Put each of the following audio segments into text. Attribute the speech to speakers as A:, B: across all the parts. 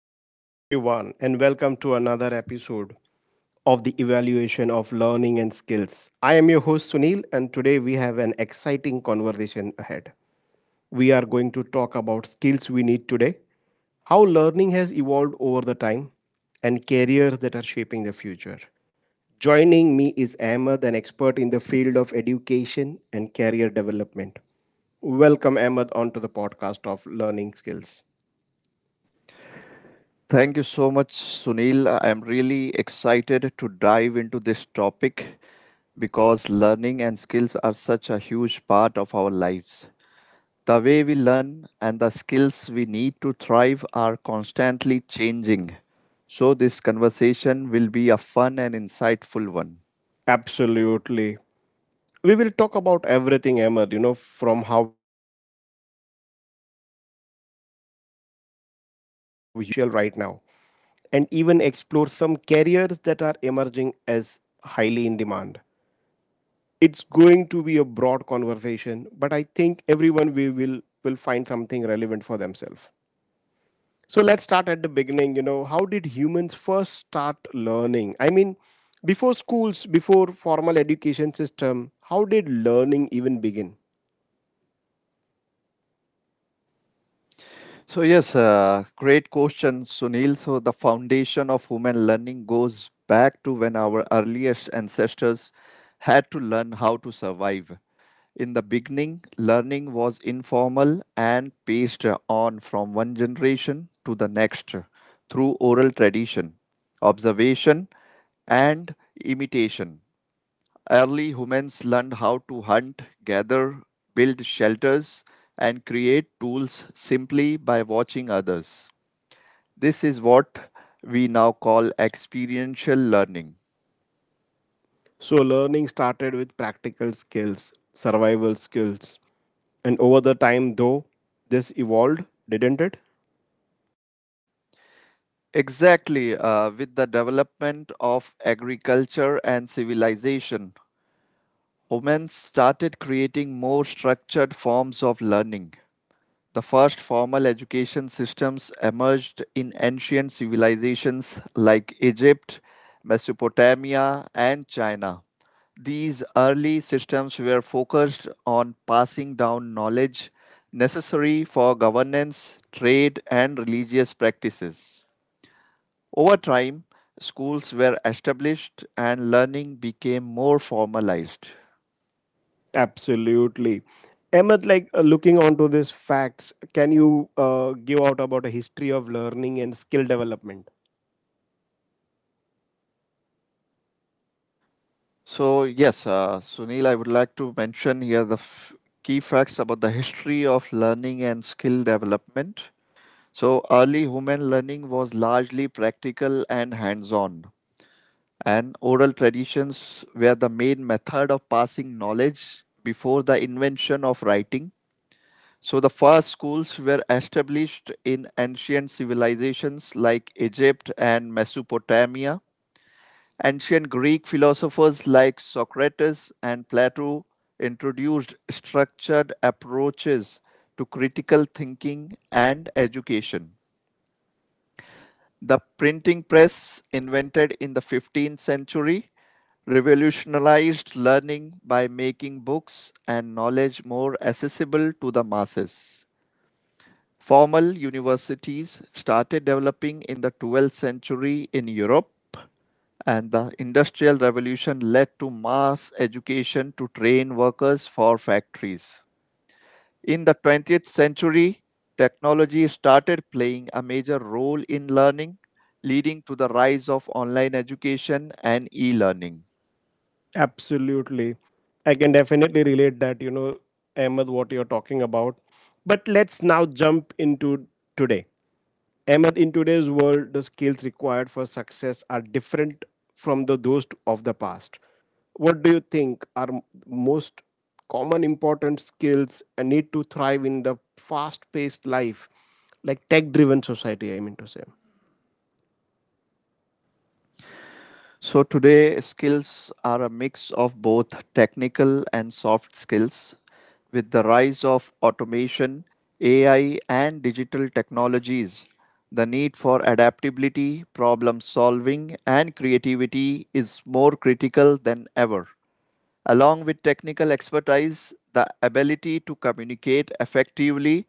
A: Hello, everyone, and welcome to another episode of the evaluation of learning and skills. I am your host Sunil, and today we have an exciting conversation ahead. We are going to talk about skills we need today, how learning has evolved over the time, and careers that are shaping the future. Joining me is Ahmed, an expert in the field of education and career development. Welcome, Ahmed, onto the podcast of learning skills.
B: Thank you so much, Sunil. I'm really excited to dive into this topic because learning and skills are such a huge part of our lives. The way we learn and the skills we need to thrive are constantly changing. So, this conversation will be a fun and insightful one.
A: Absolutely. We will talk about everything Amar, you know, from how humans first started learning to the key skills that are essential right now, and even explore some careers that are emerging as highly in demand. It's going to be a broad conversation, but I think everyone we will find something relevant for themselves. So let's start at the beginning. You know, how did humans first start learning? I mean, before schools, before formal education system, how did learning even begin?
B: Great question, Sunil. So, the foundation of human learning goes back to when our earliest ancestors had to learn how to survive. In the beginning, learning was informal and passed on from one generation to the next through oral tradition, observation, and imitation. Early humans learned how to hunt, gather, build shelters, and create tools simply by watching others. This is what we now call experiential learning.
A: So learning started with practical skills, survival skills, and over the time though, this evolved, didn't it?
B: Exactly, with the development of agriculture and civilization, women started creating more structured forms of learning. The first formal education systems emerged in ancient civilizations like Egypt, Mesopotamia, and China. These early systems were focused on passing down knowledge necessary for governance, trade, and religious practices. Over time, schools were established and learning became more formalized.
A: Absolutely. Ahmed, like looking onto these facts, can you give out about a history of learning and skill development?
B: Sunil, I would like to mention here the key facts about the history of learning and skill development. So, early human learning was largely practical and hands on, and oral traditions were the main method of passing knowledge before the invention of writing. So, the first schools were established in ancient civilizations like Egypt and Mesopotamia. Ancient Greek philosophers like Socrates and Plato introduced structured approaches to critical thinking and education. The printing press, invented in the 15th century, revolutionized learning by making books and knowledge more accessible to the masses. Formal universities started developing in the 12th century in Europe and the industrial revolution led to mass education to train workers for factories. In the 20th century, technology started playing a major role in learning, leading to the rise of online education and e learning.
A: Absolutely. I can definitely relate that, you know, Ahmed, what you're talking about. But let's now jump into today. Ahmed, in today's world, the skills required for success are different from the those of the past. What do you think are most common important skills and need to thrive in the fast-paced life, like tech-driven society? I mean to say.
B: So, today, skills are a mix of both technical and soft skills. With the rise of automation, AI, and digital technologies, the need for adaptability, problem solving, and creativity is more critical than ever. Along with technical expertise, the ability to communicate effectively,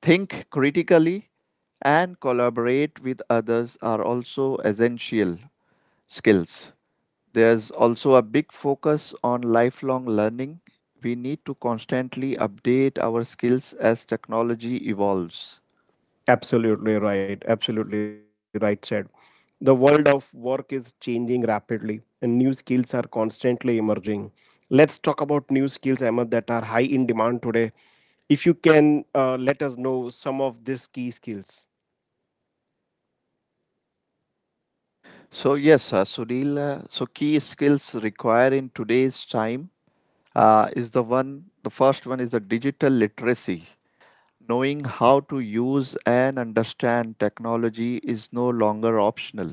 B: think critically, and collaborate with others are also essential skills. There's also a big focus on lifelong learning. We need to constantly update our skills as technology evolves.
A: Absolutely right. Absolutely right said. The world of work is changing rapidly and new skills are constantly emerging. Let's talk about new skills, Ahmed, that are high in demand today. If you can let us know some of these key skills.
B: Sunil, so key skills required in today's time is the one, the first one is the digital literacy. Knowing how to use and understand technology is no longer optional.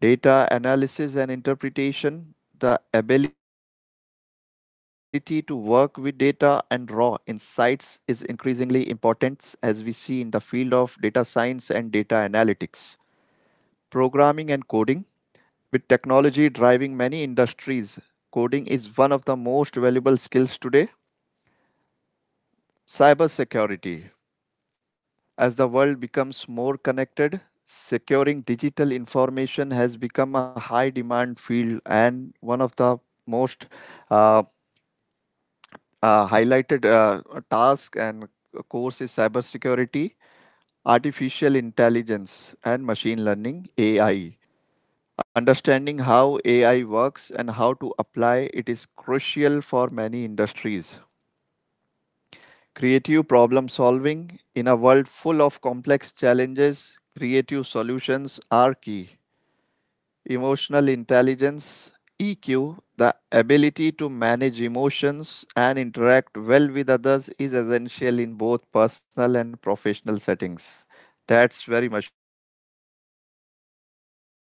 B: Data analysis and interpretation, the ability to work with data and raw insights is increasingly important as we see in the field of data science and data analytics. Programming and coding, with technology driving many industries, coding is one of the most valuable skills today. Cybersecurity. As the world becomes more connected, securing digital information has become a high demand field and one of the most uh, highlighted task and course is cybersecurity, artificial intelligence, and machine learning (AI). Understanding how AI works and how to apply it is crucial for many industries. Creative problem solving in a world full of complex challenges, creative solutions are key. Emotional intelligence, EQ, the ability to manage emotions and interact well with others is essential in both personal and professional settings. That's very much true. Project management.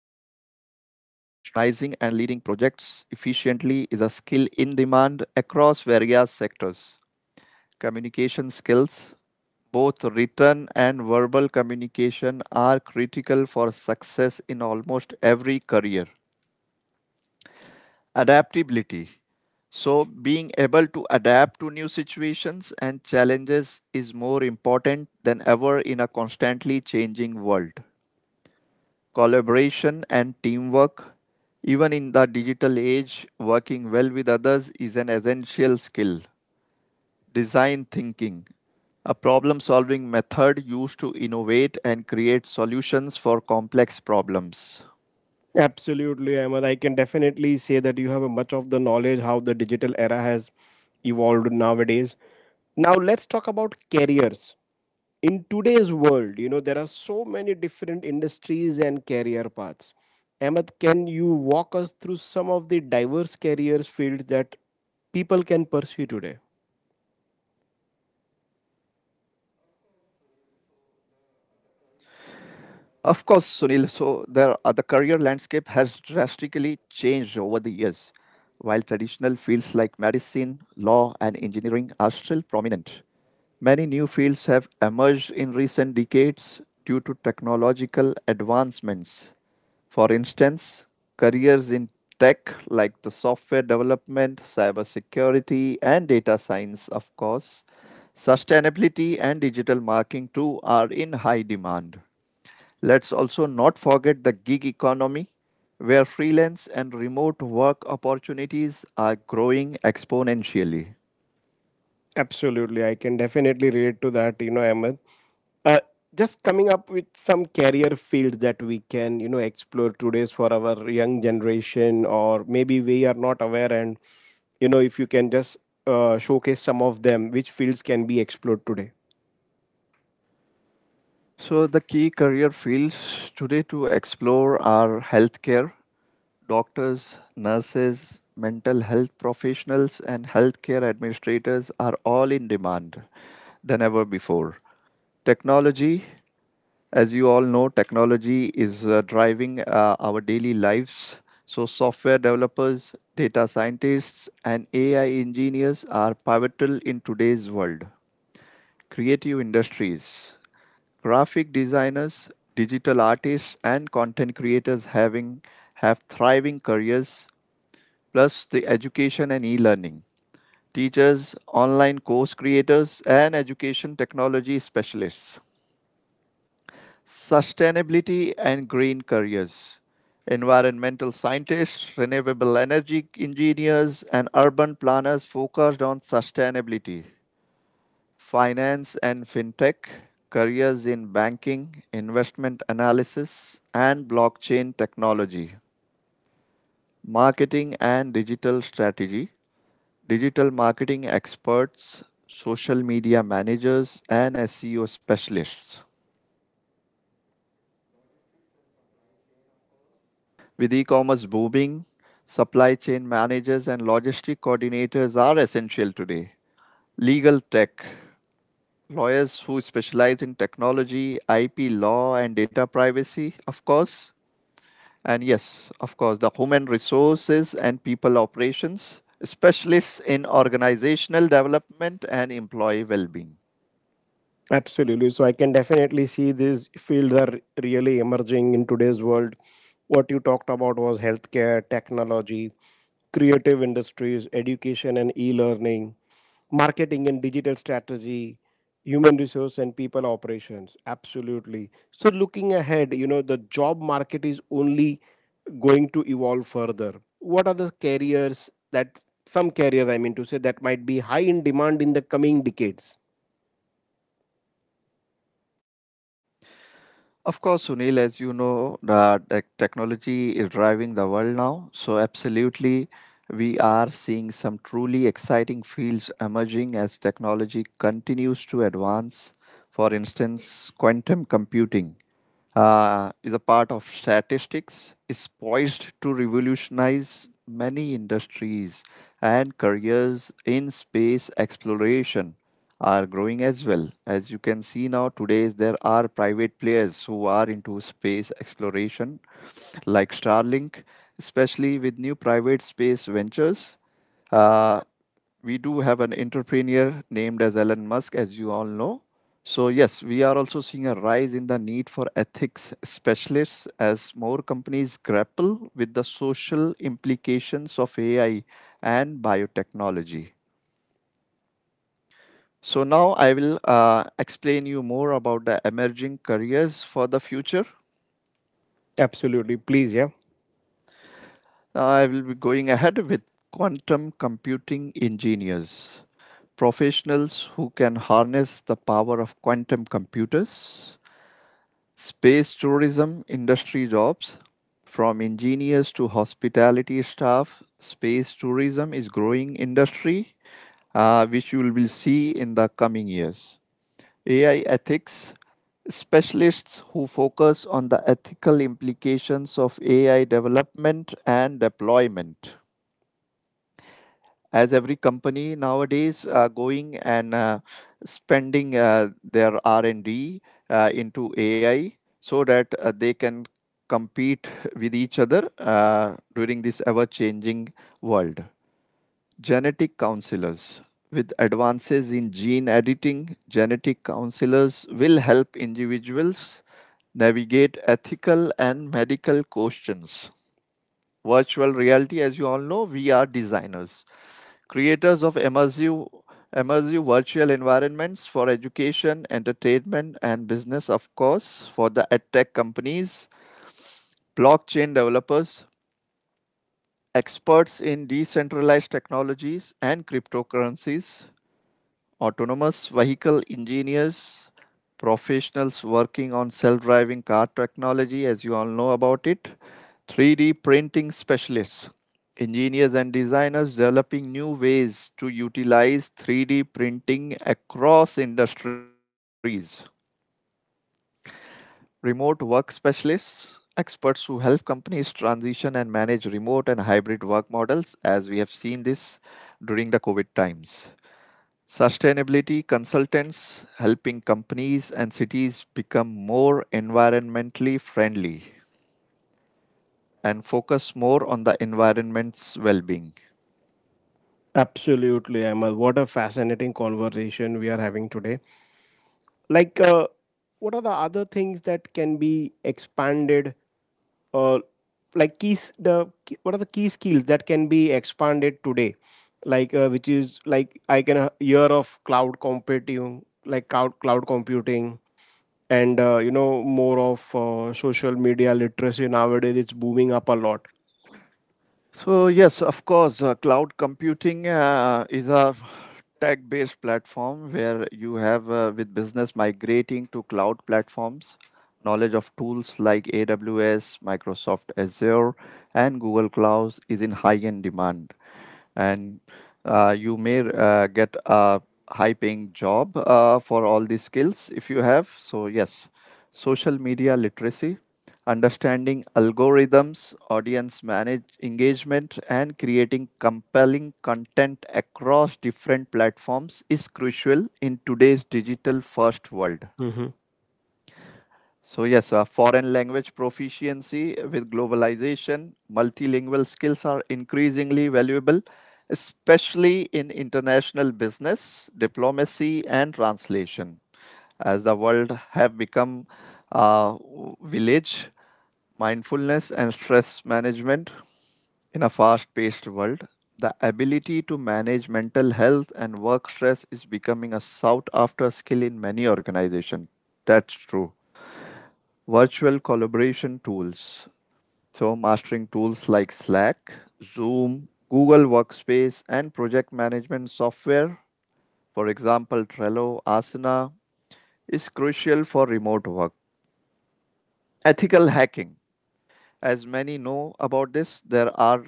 B: Now, organizing and leading projects efficiently is a skill in demand across various sectors. Communication skills, both written and verbal communication, are critical for success in almost every career. Adaptability. So, being able to adapt to new situations and challenges is more important than ever in a constantly changing world. Collaboration and teamwork. Even in the digital age, working well with others is an essential skill. Design thinking, a problem solving method used to innovate and create solutions for complex problems.
A: Absolutely, Ahmed. I can definitely say that you have a much of the knowledge how the digital era has evolved nowadays. Now let's talk about careers. In today's world, you know, there are so many different industries and career paths. Ahmed, can you walk us through some of the diverse careers fields that people can pursue today?
B: Of course, Sunil, so the career landscape has drastically changed over the years. While traditional fields like medicine, law, and engineering are still prominent, many new fields have emerged in recent decades due to technological advancements. For instance, careers in tech like the software development, cybersecurity, and data science, of course, sustainability, and digital marketing too are in high demand. Let's also not forget the gig economy, where freelance and remote work opportunities are growing exponentially.
A: Absolutely, I can definitely relate to that. You know, Ahmed. uh, just coming up with some career fields that we can, you know, explore today's for our young generation, or maybe we are not aware, and you know, if you can just showcase some of them, which fields can be explored today.
B: So, the key career fields today to explore are healthcare, doctors, nurses, mental health professionals, and healthcare administrators are all in demand than ever before. Technology, as you all know, technology is driving our daily lives. So, software developers, data scientists, and AI engineers are pivotal in today's world. Creative industries, graphic designers, digital artists, and content creators having have thriving careers plus the education and e-learning, teachers, online course creators, and education technology specialists, sustainability and green careers, environmental scientists, renewable energy engineers, and urban planners focused on sustainability, finance and fintech, careers in banking, investment analysis, and blockchain technology, marketing and digital strategy, digital marketing experts, social media managers, and SEO specialists. Logistics and supply chain, of course, with e commerce booming, supply chain managers and logistic coordinators are essential today. Legal tech, lawyers who specialize in technology, IP law, and data privacy, of course. And yes, of course, the human resources and people operations specialists in organizational development and employee well-being.
A: Absolutely. So I can definitely see these fields are really emerging in today's world. What you talked about was healthcare, technology, creative industries, education and e learning, marketing and digital strategy, human resource and people operations. Absolutely. So looking ahead, you know, the job market is only going to evolve further. What are the careers that some careers, I mean to say, that might be high in demand in the coming decades?
B: Of course, Sunil, as you know, the technology is driving the world now. So absolutely, we are seeing some truly exciting fields emerging as technology continues to advance. For instance, quantum computing is a part of statistics, is poised to revolutionize many industries and careers in space exploration are growing as well. As you can see now, today there are private players who are into space exploration, like Starlink, especially with new private space ventures. Uh, we do have an entrepreneur named as Elon Musk, as you all know. So, yes, we are also seeing a rise in the need for ethics specialists as more companies grapple with the social implications of AI and biotechnology. So, now I will explain you more about the emerging careers for the future.
A: Absolutely. Please, yeah.
B: I will be going ahead with quantum computing engineers, professionals who can harness the power of quantum computers. Space tourism industry jobs from engineers to hospitality staff. Space tourism is growing industry which you will see in the coming years. AI ethics specialists who focus on the ethical implications of AI development and deployment as every company nowadays are going and spending their R&D into AI so that they can compete with each other during this ever-changing world. Genetic counselors. With advances in gene editing, genetic counselors will help individuals navigate ethical and medical questions. Virtual reality, as you all know, we are designers, creators of immersive, virtual environments for education, entertainment, and business, of course, for the edtech companies, blockchain developers, experts in decentralized technologies and cryptocurrencies, autonomous vehicle engineers, professionals working on self driving car technology, as you all know about it, 3D printing specialists, engineers and designers developing new ways to utilize 3D printing across industries, remote work specialists, experts who help companies transition and manage remote and hybrid work models, as we have seen this during the COVID times. Sustainability consultants helping companies and cities become more environmentally friendly and focus more on the environment's well being.
A: Absolutely, Amal. What a fascinating conversation we are having today. Like, what are the other things that can be expanded? Uh, like keys, what are the key skills that can be expanded today? Like, which is like I can hear of cloud computing, like cloud computing, and you know, more of social media literacy nowadays. It's booming up a lot.
B: Cloud computing is a tech based platform where you have, with business migrating to cloud platforms, knowledge of tools like AWS, Microsoft Azure, and Google Clouds is in high end demand. And you may get a high paying job for all these skills if you have. So yes, social media literacy, understanding algorithms, audience manage engagement, and creating compelling content across different platforms is crucial in today's digital first world.
A: Hmm.
B: Foreign language proficiency with globalization, multilingual skills are increasingly valuable, especially in international business, diplomacy, and translation. As the world have become a village, mindfulness and stress management in a fast-paced world, the ability to manage mental health and work stress is becoming a sought-after skill in many organizations. That's true. Virtual collaboration tools. So, mastering tools like Slack, Zoom, Google Workspace, and project management software, for example, Trello, Asana, is crucial for remote work. Ethical hacking. As many know about this, there are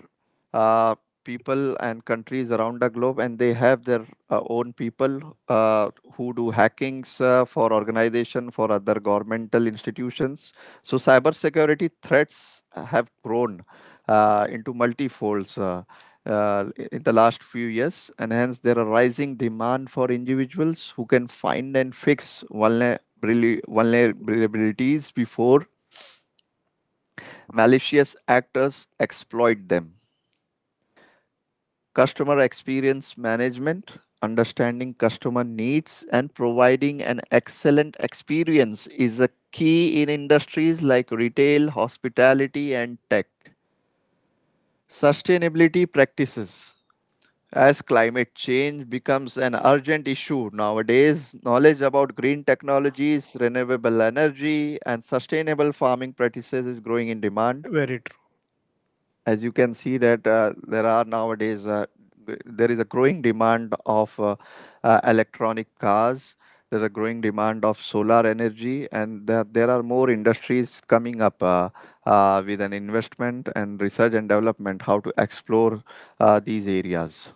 B: uh, people and countries around the globe, and they have their own people who do hackings for organization, for other governmental institutions. So, cybersecurity threats have grown into multifolds. In the last few years, and hence there are rising demand for individuals who can find and fix vulnerabilities before malicious actors exploit them. Customer experience management, understanding customer needs and providing an excellent experience is a key in industries like retail, hospitality, and tech. Sustainability practices. As climate change becomes an urgent issue nowadays, knowledge about green technologies, renewable energy, and sustainable farming practices is growing in demand.
A: Very true.
B: As you can see that there are nowadays there is a growing demand of electronic cars. There's a growing demand of solar energy, and there are more industries coming up with an investment and research and development how to explore these areas.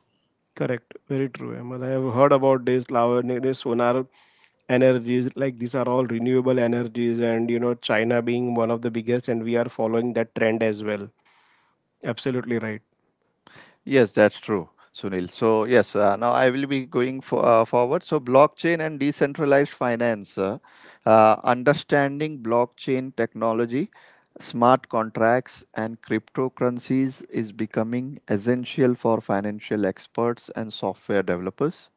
A: Correct. Very true, Ahmed. I have heard about this Lava sonar energies. Like these are all renewable energies, and you know, China being one of the biggest, and we are following that trend as well. Absolutely right.
B: Yes, that's true, Sunil. So yes, now I will be going for, forward. So blockchain and decentralized finance, understanding blockchain technology, smart contracts, and cryptocurrencies is becoming essential for financial experts and software developers.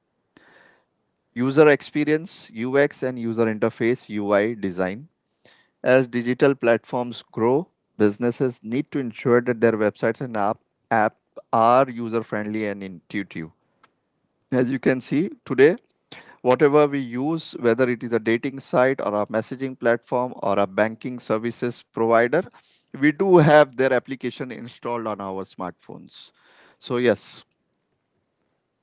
B: User experience, UX, and user interface (UI) design. As digital platforms grow, businesses need to ensure that their websites and app are user friendly and intuitive. As you can see today, whatever we use, whether it is a dating site or a messaging platform or a banking services provider, we do have their application installed on our smartphones. So, yes,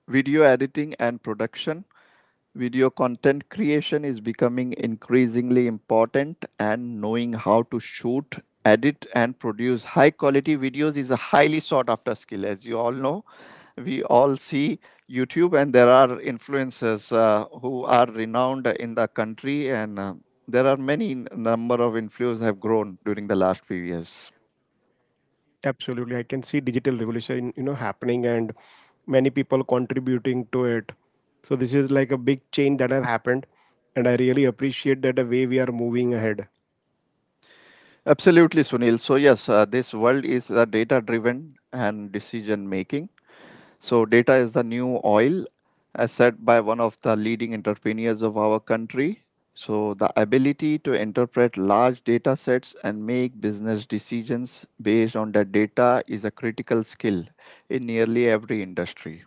B: video editing and production. Video content creation is becoming increasingly important, and knowing how to shoot, edit, and produce high quality videos is a highly sought after skill. As you all know, we all see YouTube, and there are influencers who are renowned in the country, and there are number of influencers have grown during the last few years.
A: Absolutely. I can see digital revolution, you know, happening and many people contributing to it. So this is like a big change that has happened, and I really appreciate that the way we are moving ahead.
B: Absolutely, Sunil. So, yes, this world is data driven and decision making. So, data is the new oil, as said by one of the leading entrepreneurs of our country. So, the ability to interpret large data sets and make business decisions based on that data is a critical skill in nearly every industry.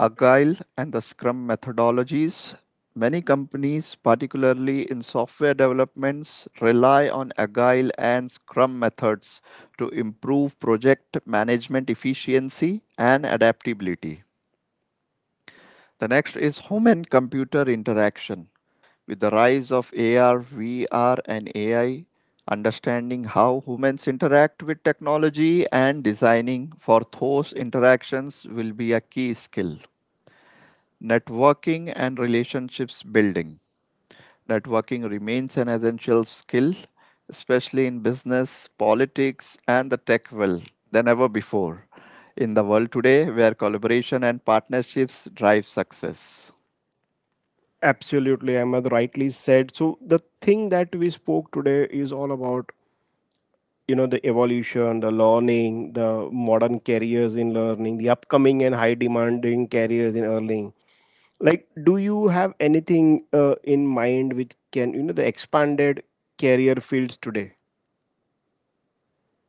B: Agile and the Scrum methodologies. Many companies, particularly in software developments, rely on Agile and Scrum methods to improve project management efficiency and adaptability. The next is human computer interaction. With the rise of AR, VR, and AI, understanding how humans interact with technology and designing for those interactions will be a key skill. Networking and relationships building. Networking remains an essential skill, especially in business, politics, and the tech world, than ever before. In the world today, where collaboration and partnerships drive success.
A: Absolutely, Ahmed rightly said. So the thing that we spoke today is all about, you know, the evolution, the learning, the modern careers in learning, the upcoming and high demanding careers in learning. Like, do you have anything in mind which can, you know, the expanded career fields today?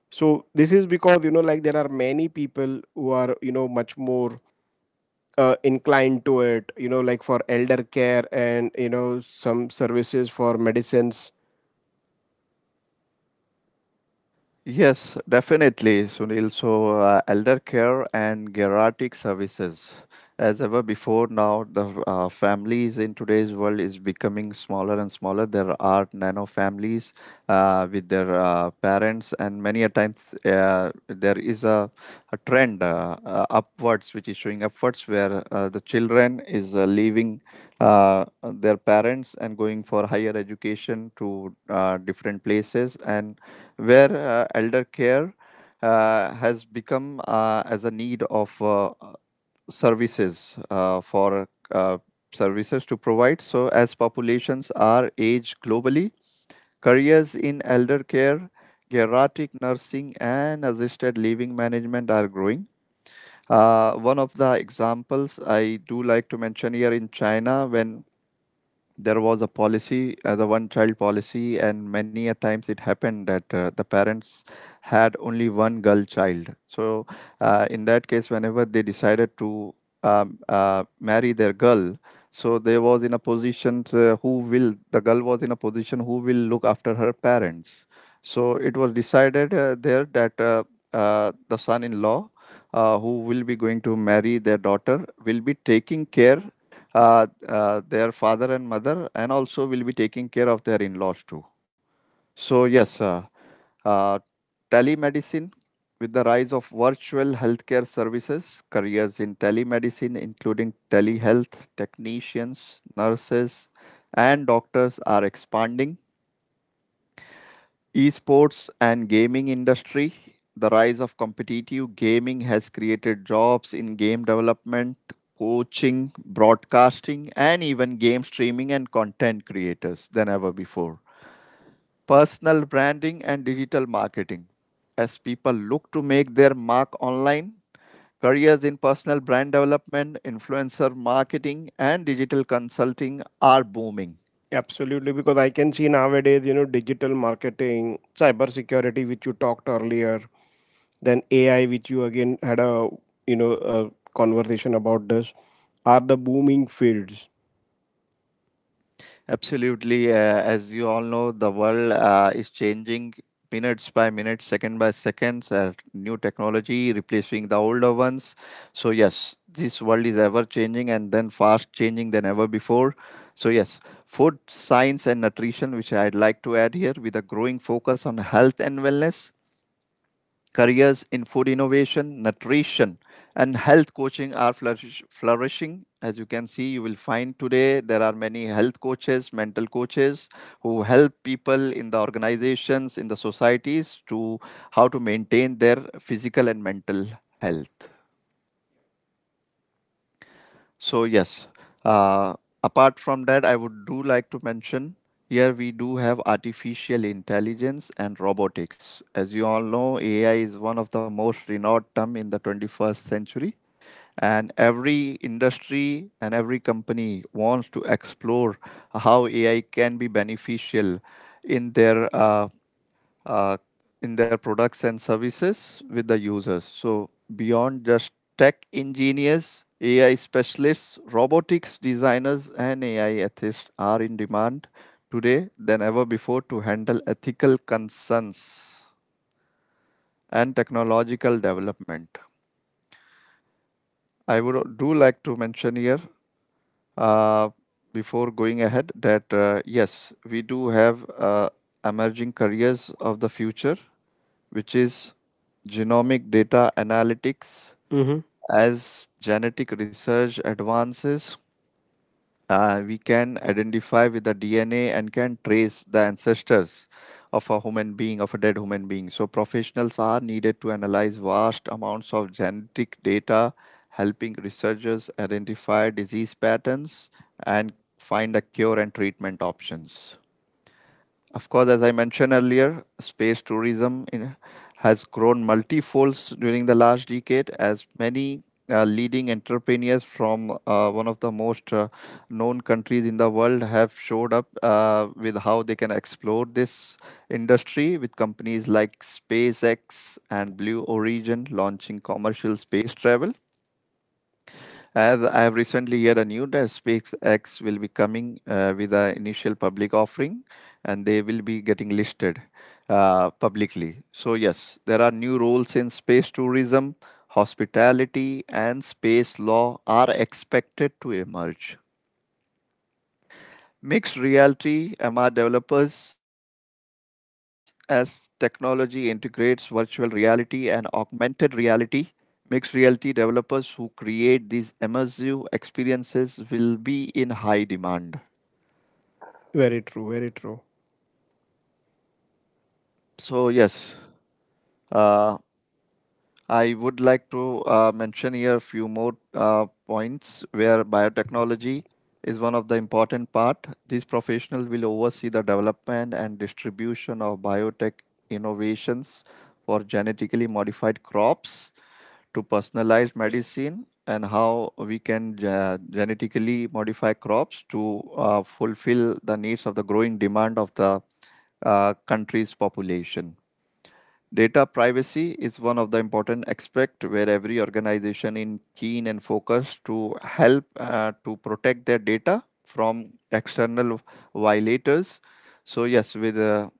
A: So this is because, you know, like there are many people who are, you know, much more inclined to it, you know, like for elder care and you know, some services for medicines.
B: Yes, definitely, Sunil. So, elder care and geriatric services. As ever before, now the families in today's world is becoming smaller and smaller. There are nano families with their parents, and many a times there is a trend upwards, which is showing upwards, where the children is leaving their parents and going for higher education to different places, and where elder care has become as a need of services for services to provide. So, as populations are aged globally, careers in elder care, geriatric nursing, and assisted living management are growing. One of the examples I do like to mention here in China, when there was a policy, the one child policy, and many a times it happened that the parents had only one girl child. So, in that case, whenever they decided to marry their girl, so they was in a position to- who will the girl was in a position who will look after her parents. So it was decided there that the son-in-law who will be going to marry their daughter will be taking care their father and mother, and also will be taking care of their in laws too. So, yes, uh, telemedicine. With the rise of virtual healthcare services, careers in telemedicine, including telehealth technicians, nurses, and doctors, are expanding. Esports and gaming industry. The rise of competitive gaming has created jobs in game development, coaching, broadcasting, and even game streaming and content creators than ever before. Personal branding and digital marketing. As people look to make their mark online, careers in personal brand development, influencer marketing, and digital consulting are booming.
A: Absolutely, because I can see nowadays, you know, digital marketing, cybersecurity, which you talked earlier, then AI, which you again had a, you know, a conversation about this, are the booming fields.
B: Absolutely. As you all know, the world is changing minutes by minute, second by seconds. New technology replacing the older ones. So yes, this world is ever changing and then fast changing than ever before. So yes, food science and nutrition, which I'd like to add here, with a growing focus on health and wellness. Careers in food innovation, nutrition, and health coaching are flourishing. As you can see, you will find today there are many health coaches, mental coaches who help people in the organizations, in the societies to how to maintain their physical and mental health. So yes, uh, apart from that, I would do like to mention here we do have artificial intelligence and robotics. As you all know, AI is one of the most renowned term in the 21st century, and every industry and every company wants to explore how AI can be beneficial in their uh, uh, in their products and services with the users. So, beyond just tech engineers, AI specialists, robotics designers, and AI ethists are in demand today than ever before to handle ethical concerns and technological development. Do like to mention here uh, before going ahead that yes, we do have emerging careers of the future, which is genomic data analytics.
A: Hmm.
B: As genetic research advances, we can identify with the DNA and can trace the ancestors of a human being, of a dead human being. So, professionals are needed to analyze vast amounts of genetic data, helping researchers identify disease patterns and find a cure and treatment options. Of course, as I mentioned earlier, space tourism in, has grown multifold during the last decade as many leading entrepreneurs from one of the most known countries in the world have showed up with how they can explore this industry with companies like SpaceX and Blue Origin launching commercial space travel. As I have recently heard a news that SpaceX will be coming with an initial public offering, and they will be getting listed publicly. So yes, there are new roles in space tourism, hospitality, and space law are expected to emerge. Mixed reality MR developers, as technology integrates virtual reality and augmented reality. Mixed reality developers who create these immersive experiences will be in high demand.
A: Very true, very true.
B: So, yes, uh, I would like to mention here a few more points where biotechnology is one of the important part. These professionals will oversee the development and distribution of biotech innovations for genetically modified crops to personalized medicine, and how we can genetically modify crops to fulfill the needs of the growing demand of the country's population. Data privacy is one of the important aspect where every organization in keen and focused to help to protect their data from external violators. So yes, with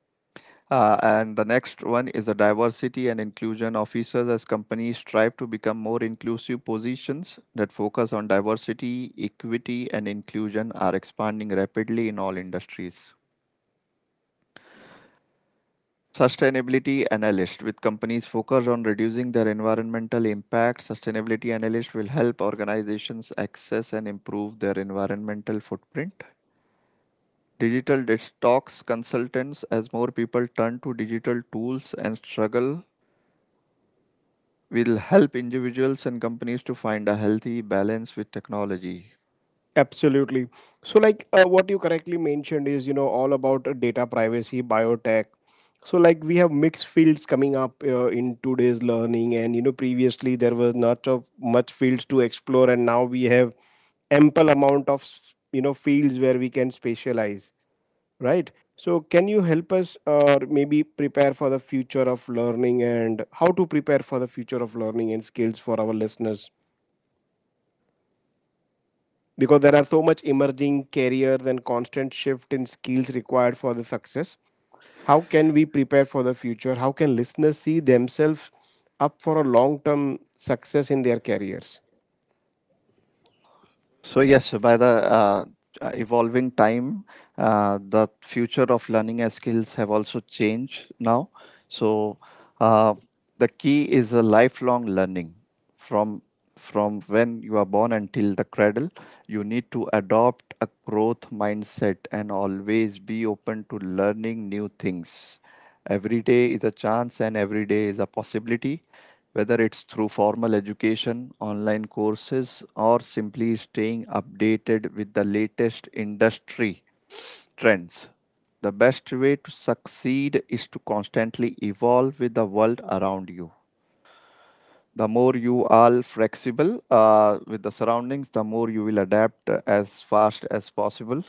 B: and the next one is the diversity and inclusion officers. As companies strive to become more inclusive, positions that focus on diversity, equity, and inclusion are expanding rapidly in all industries. Sustainability analyst, with companies focused on reducing their environmental impact. Sustainability analyst will help organizations access and improve their environmental footprint. Digital detox consultants, as more people turn to digital tools and struggle, will help individuals and companies to find a healthy balance with technology.
A: Absolutely. So, like what you correctly mentioned is, you know, all about data privacy, biotech. So, like we have mixed fields coming up in today's learning, and you know, previously there was not of much fields to explore, and now we have ample amount of you know, fields where we can specialize, right? So, can you help us, or maybe prepare for the future of learning and how to prepare for the future of learning and skills for our listeners? Because there are so much emerging careers and constant shift in skills required for the success. How can we prepare for the future? How can listeners see themselves up for a long term success in their careers?
B: So yes, by the evolving time, the future of learning and skills have also changed now. So uh, the key is a lifelong learning from when you are born until the cradle. You need to adopt a growth mindset and always be open to learning new things. Every day is a chance and every day is a possibility, whether it's through formal education, online courses, or simply staying updated with the latest industry trends. The best way to succeed is to constantly evolve with the world around you. The more you are flexible with the surroundings, the more you will adapt as fast as possible.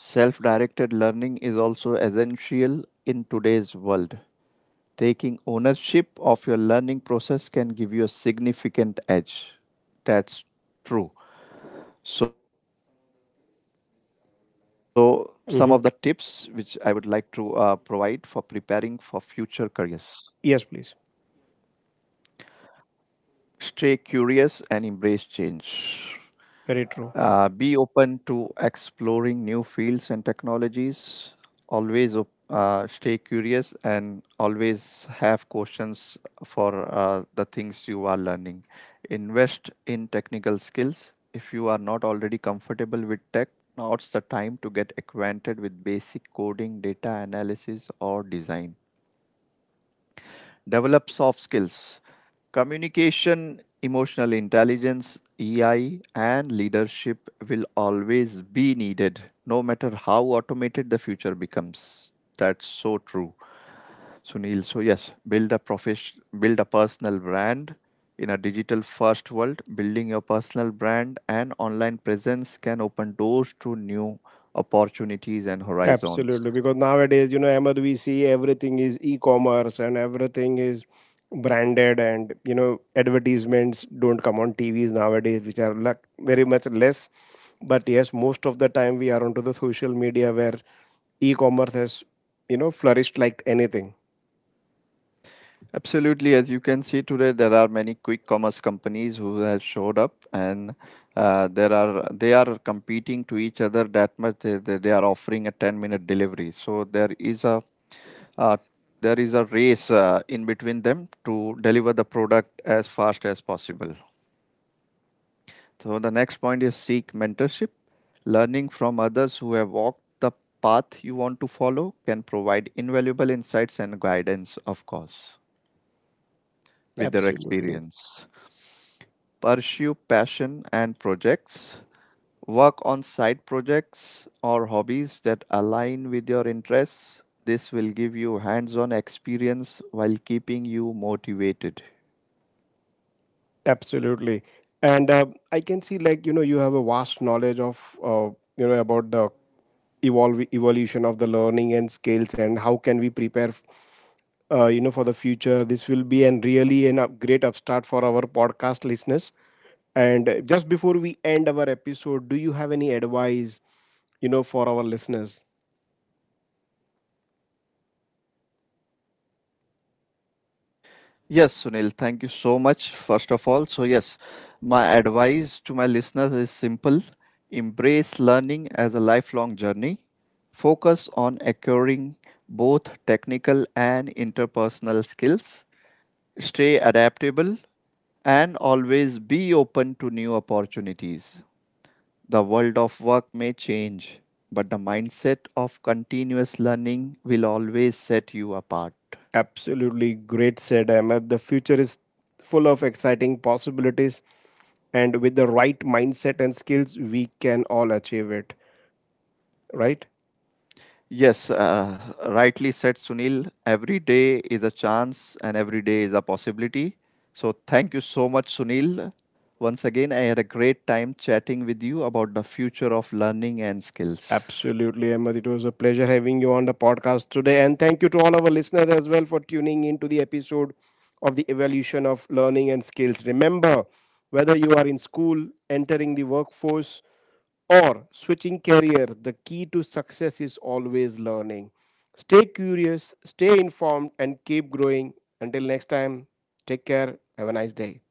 B: Self directed learning is also essential in today's world. Taking ownership of your learning process can give you a significant edge. That's true. So, some
A: Hmm.
B: of the tips which I would like to provide for preparing for future
A: Yes,
B: careers:
A: please.
B: stay curious and embrace change.
A: Very true.
B: Be open to exploring new fields and technologies. Stay curious and always have questions for the things you are learning. Invest in technical skills. If you are not already comfortable with tech, now's the time to get acquainted with basic coding, data analysis, or design. Develop soft skills, communication, emotional intelligence, EI, and leadership will always be needed, no matter how automated the future becomes. That's so true, Sunil. So yes, build a profession, build a personal brand in a digital first world. Building your personal brand and online presence can open doors to new opportunities and horizons.
A: Absolutely, because nowadays, you know, Ahmed, we see everything is e-commerce and everything is branded, and you know, advertisements don't come on TVs nowadays, which are like very much less. But yes, most of the time we are onto the social media where e-commerce has, you know, flourished like anything.
B: Absolutely. As you can see today, there are many quick commerce companies who have showed up, and there are they are competing to each other that much. They are offering a 10-minute delivery. So uh, there is a race in between them to deliver the product as fast as possible. So the next point is seek mentorship. Learning from others who have walked the path you want to follow can provide invaluable insights and guidance, of course, with their
A: Absolutely.
B: experience. Pursue passion and projects, work on side projects or hobbies that align with your interests. This will give you hands on experience while keeping you motivated.
A: Absolutely. And I can see, like, you know, you have a vast knowledge of, you know, about the evolve evolution of the learning and skills and how can we prepare, you know, for the future. This will be an really an great upstart for our podcast listeners. And just before we end our episode, do you have any advice, you know, for our listeners?
B: Yes, Sunil, thank you so much. First of all, so yes, my advice to my listeners is simple: embrace learning as a lifelong journey. Focus on acquiring both technical and interpersonal skills. Stay adaptable and always be open to new opportunities. The world of work may change, but the mindset of continuous learning will always set you apart.
A: Absolutely great said Ahmed. The future is full of exciting possibilities, and with the right mindset and skills, we can all achieve it, right?
B: Yes, rightly said, Sunil. Every day is a chance and every day is a possibility. So, thank you so much, Sunil. Once again, I had a great time chatting with you about the future of learning and skills.
A: Absolutely, Ahmed. It was a pleasure having you on the podcast today. And thank you to all our listeners as well for tuning into the episode of the evolution of learning and skills. Remember, whether you are in school, entering the workforce, or switching career, the key to success is always learning. Stay curious, stay informed, and keep growing. Until next time, take care. Have a nice day.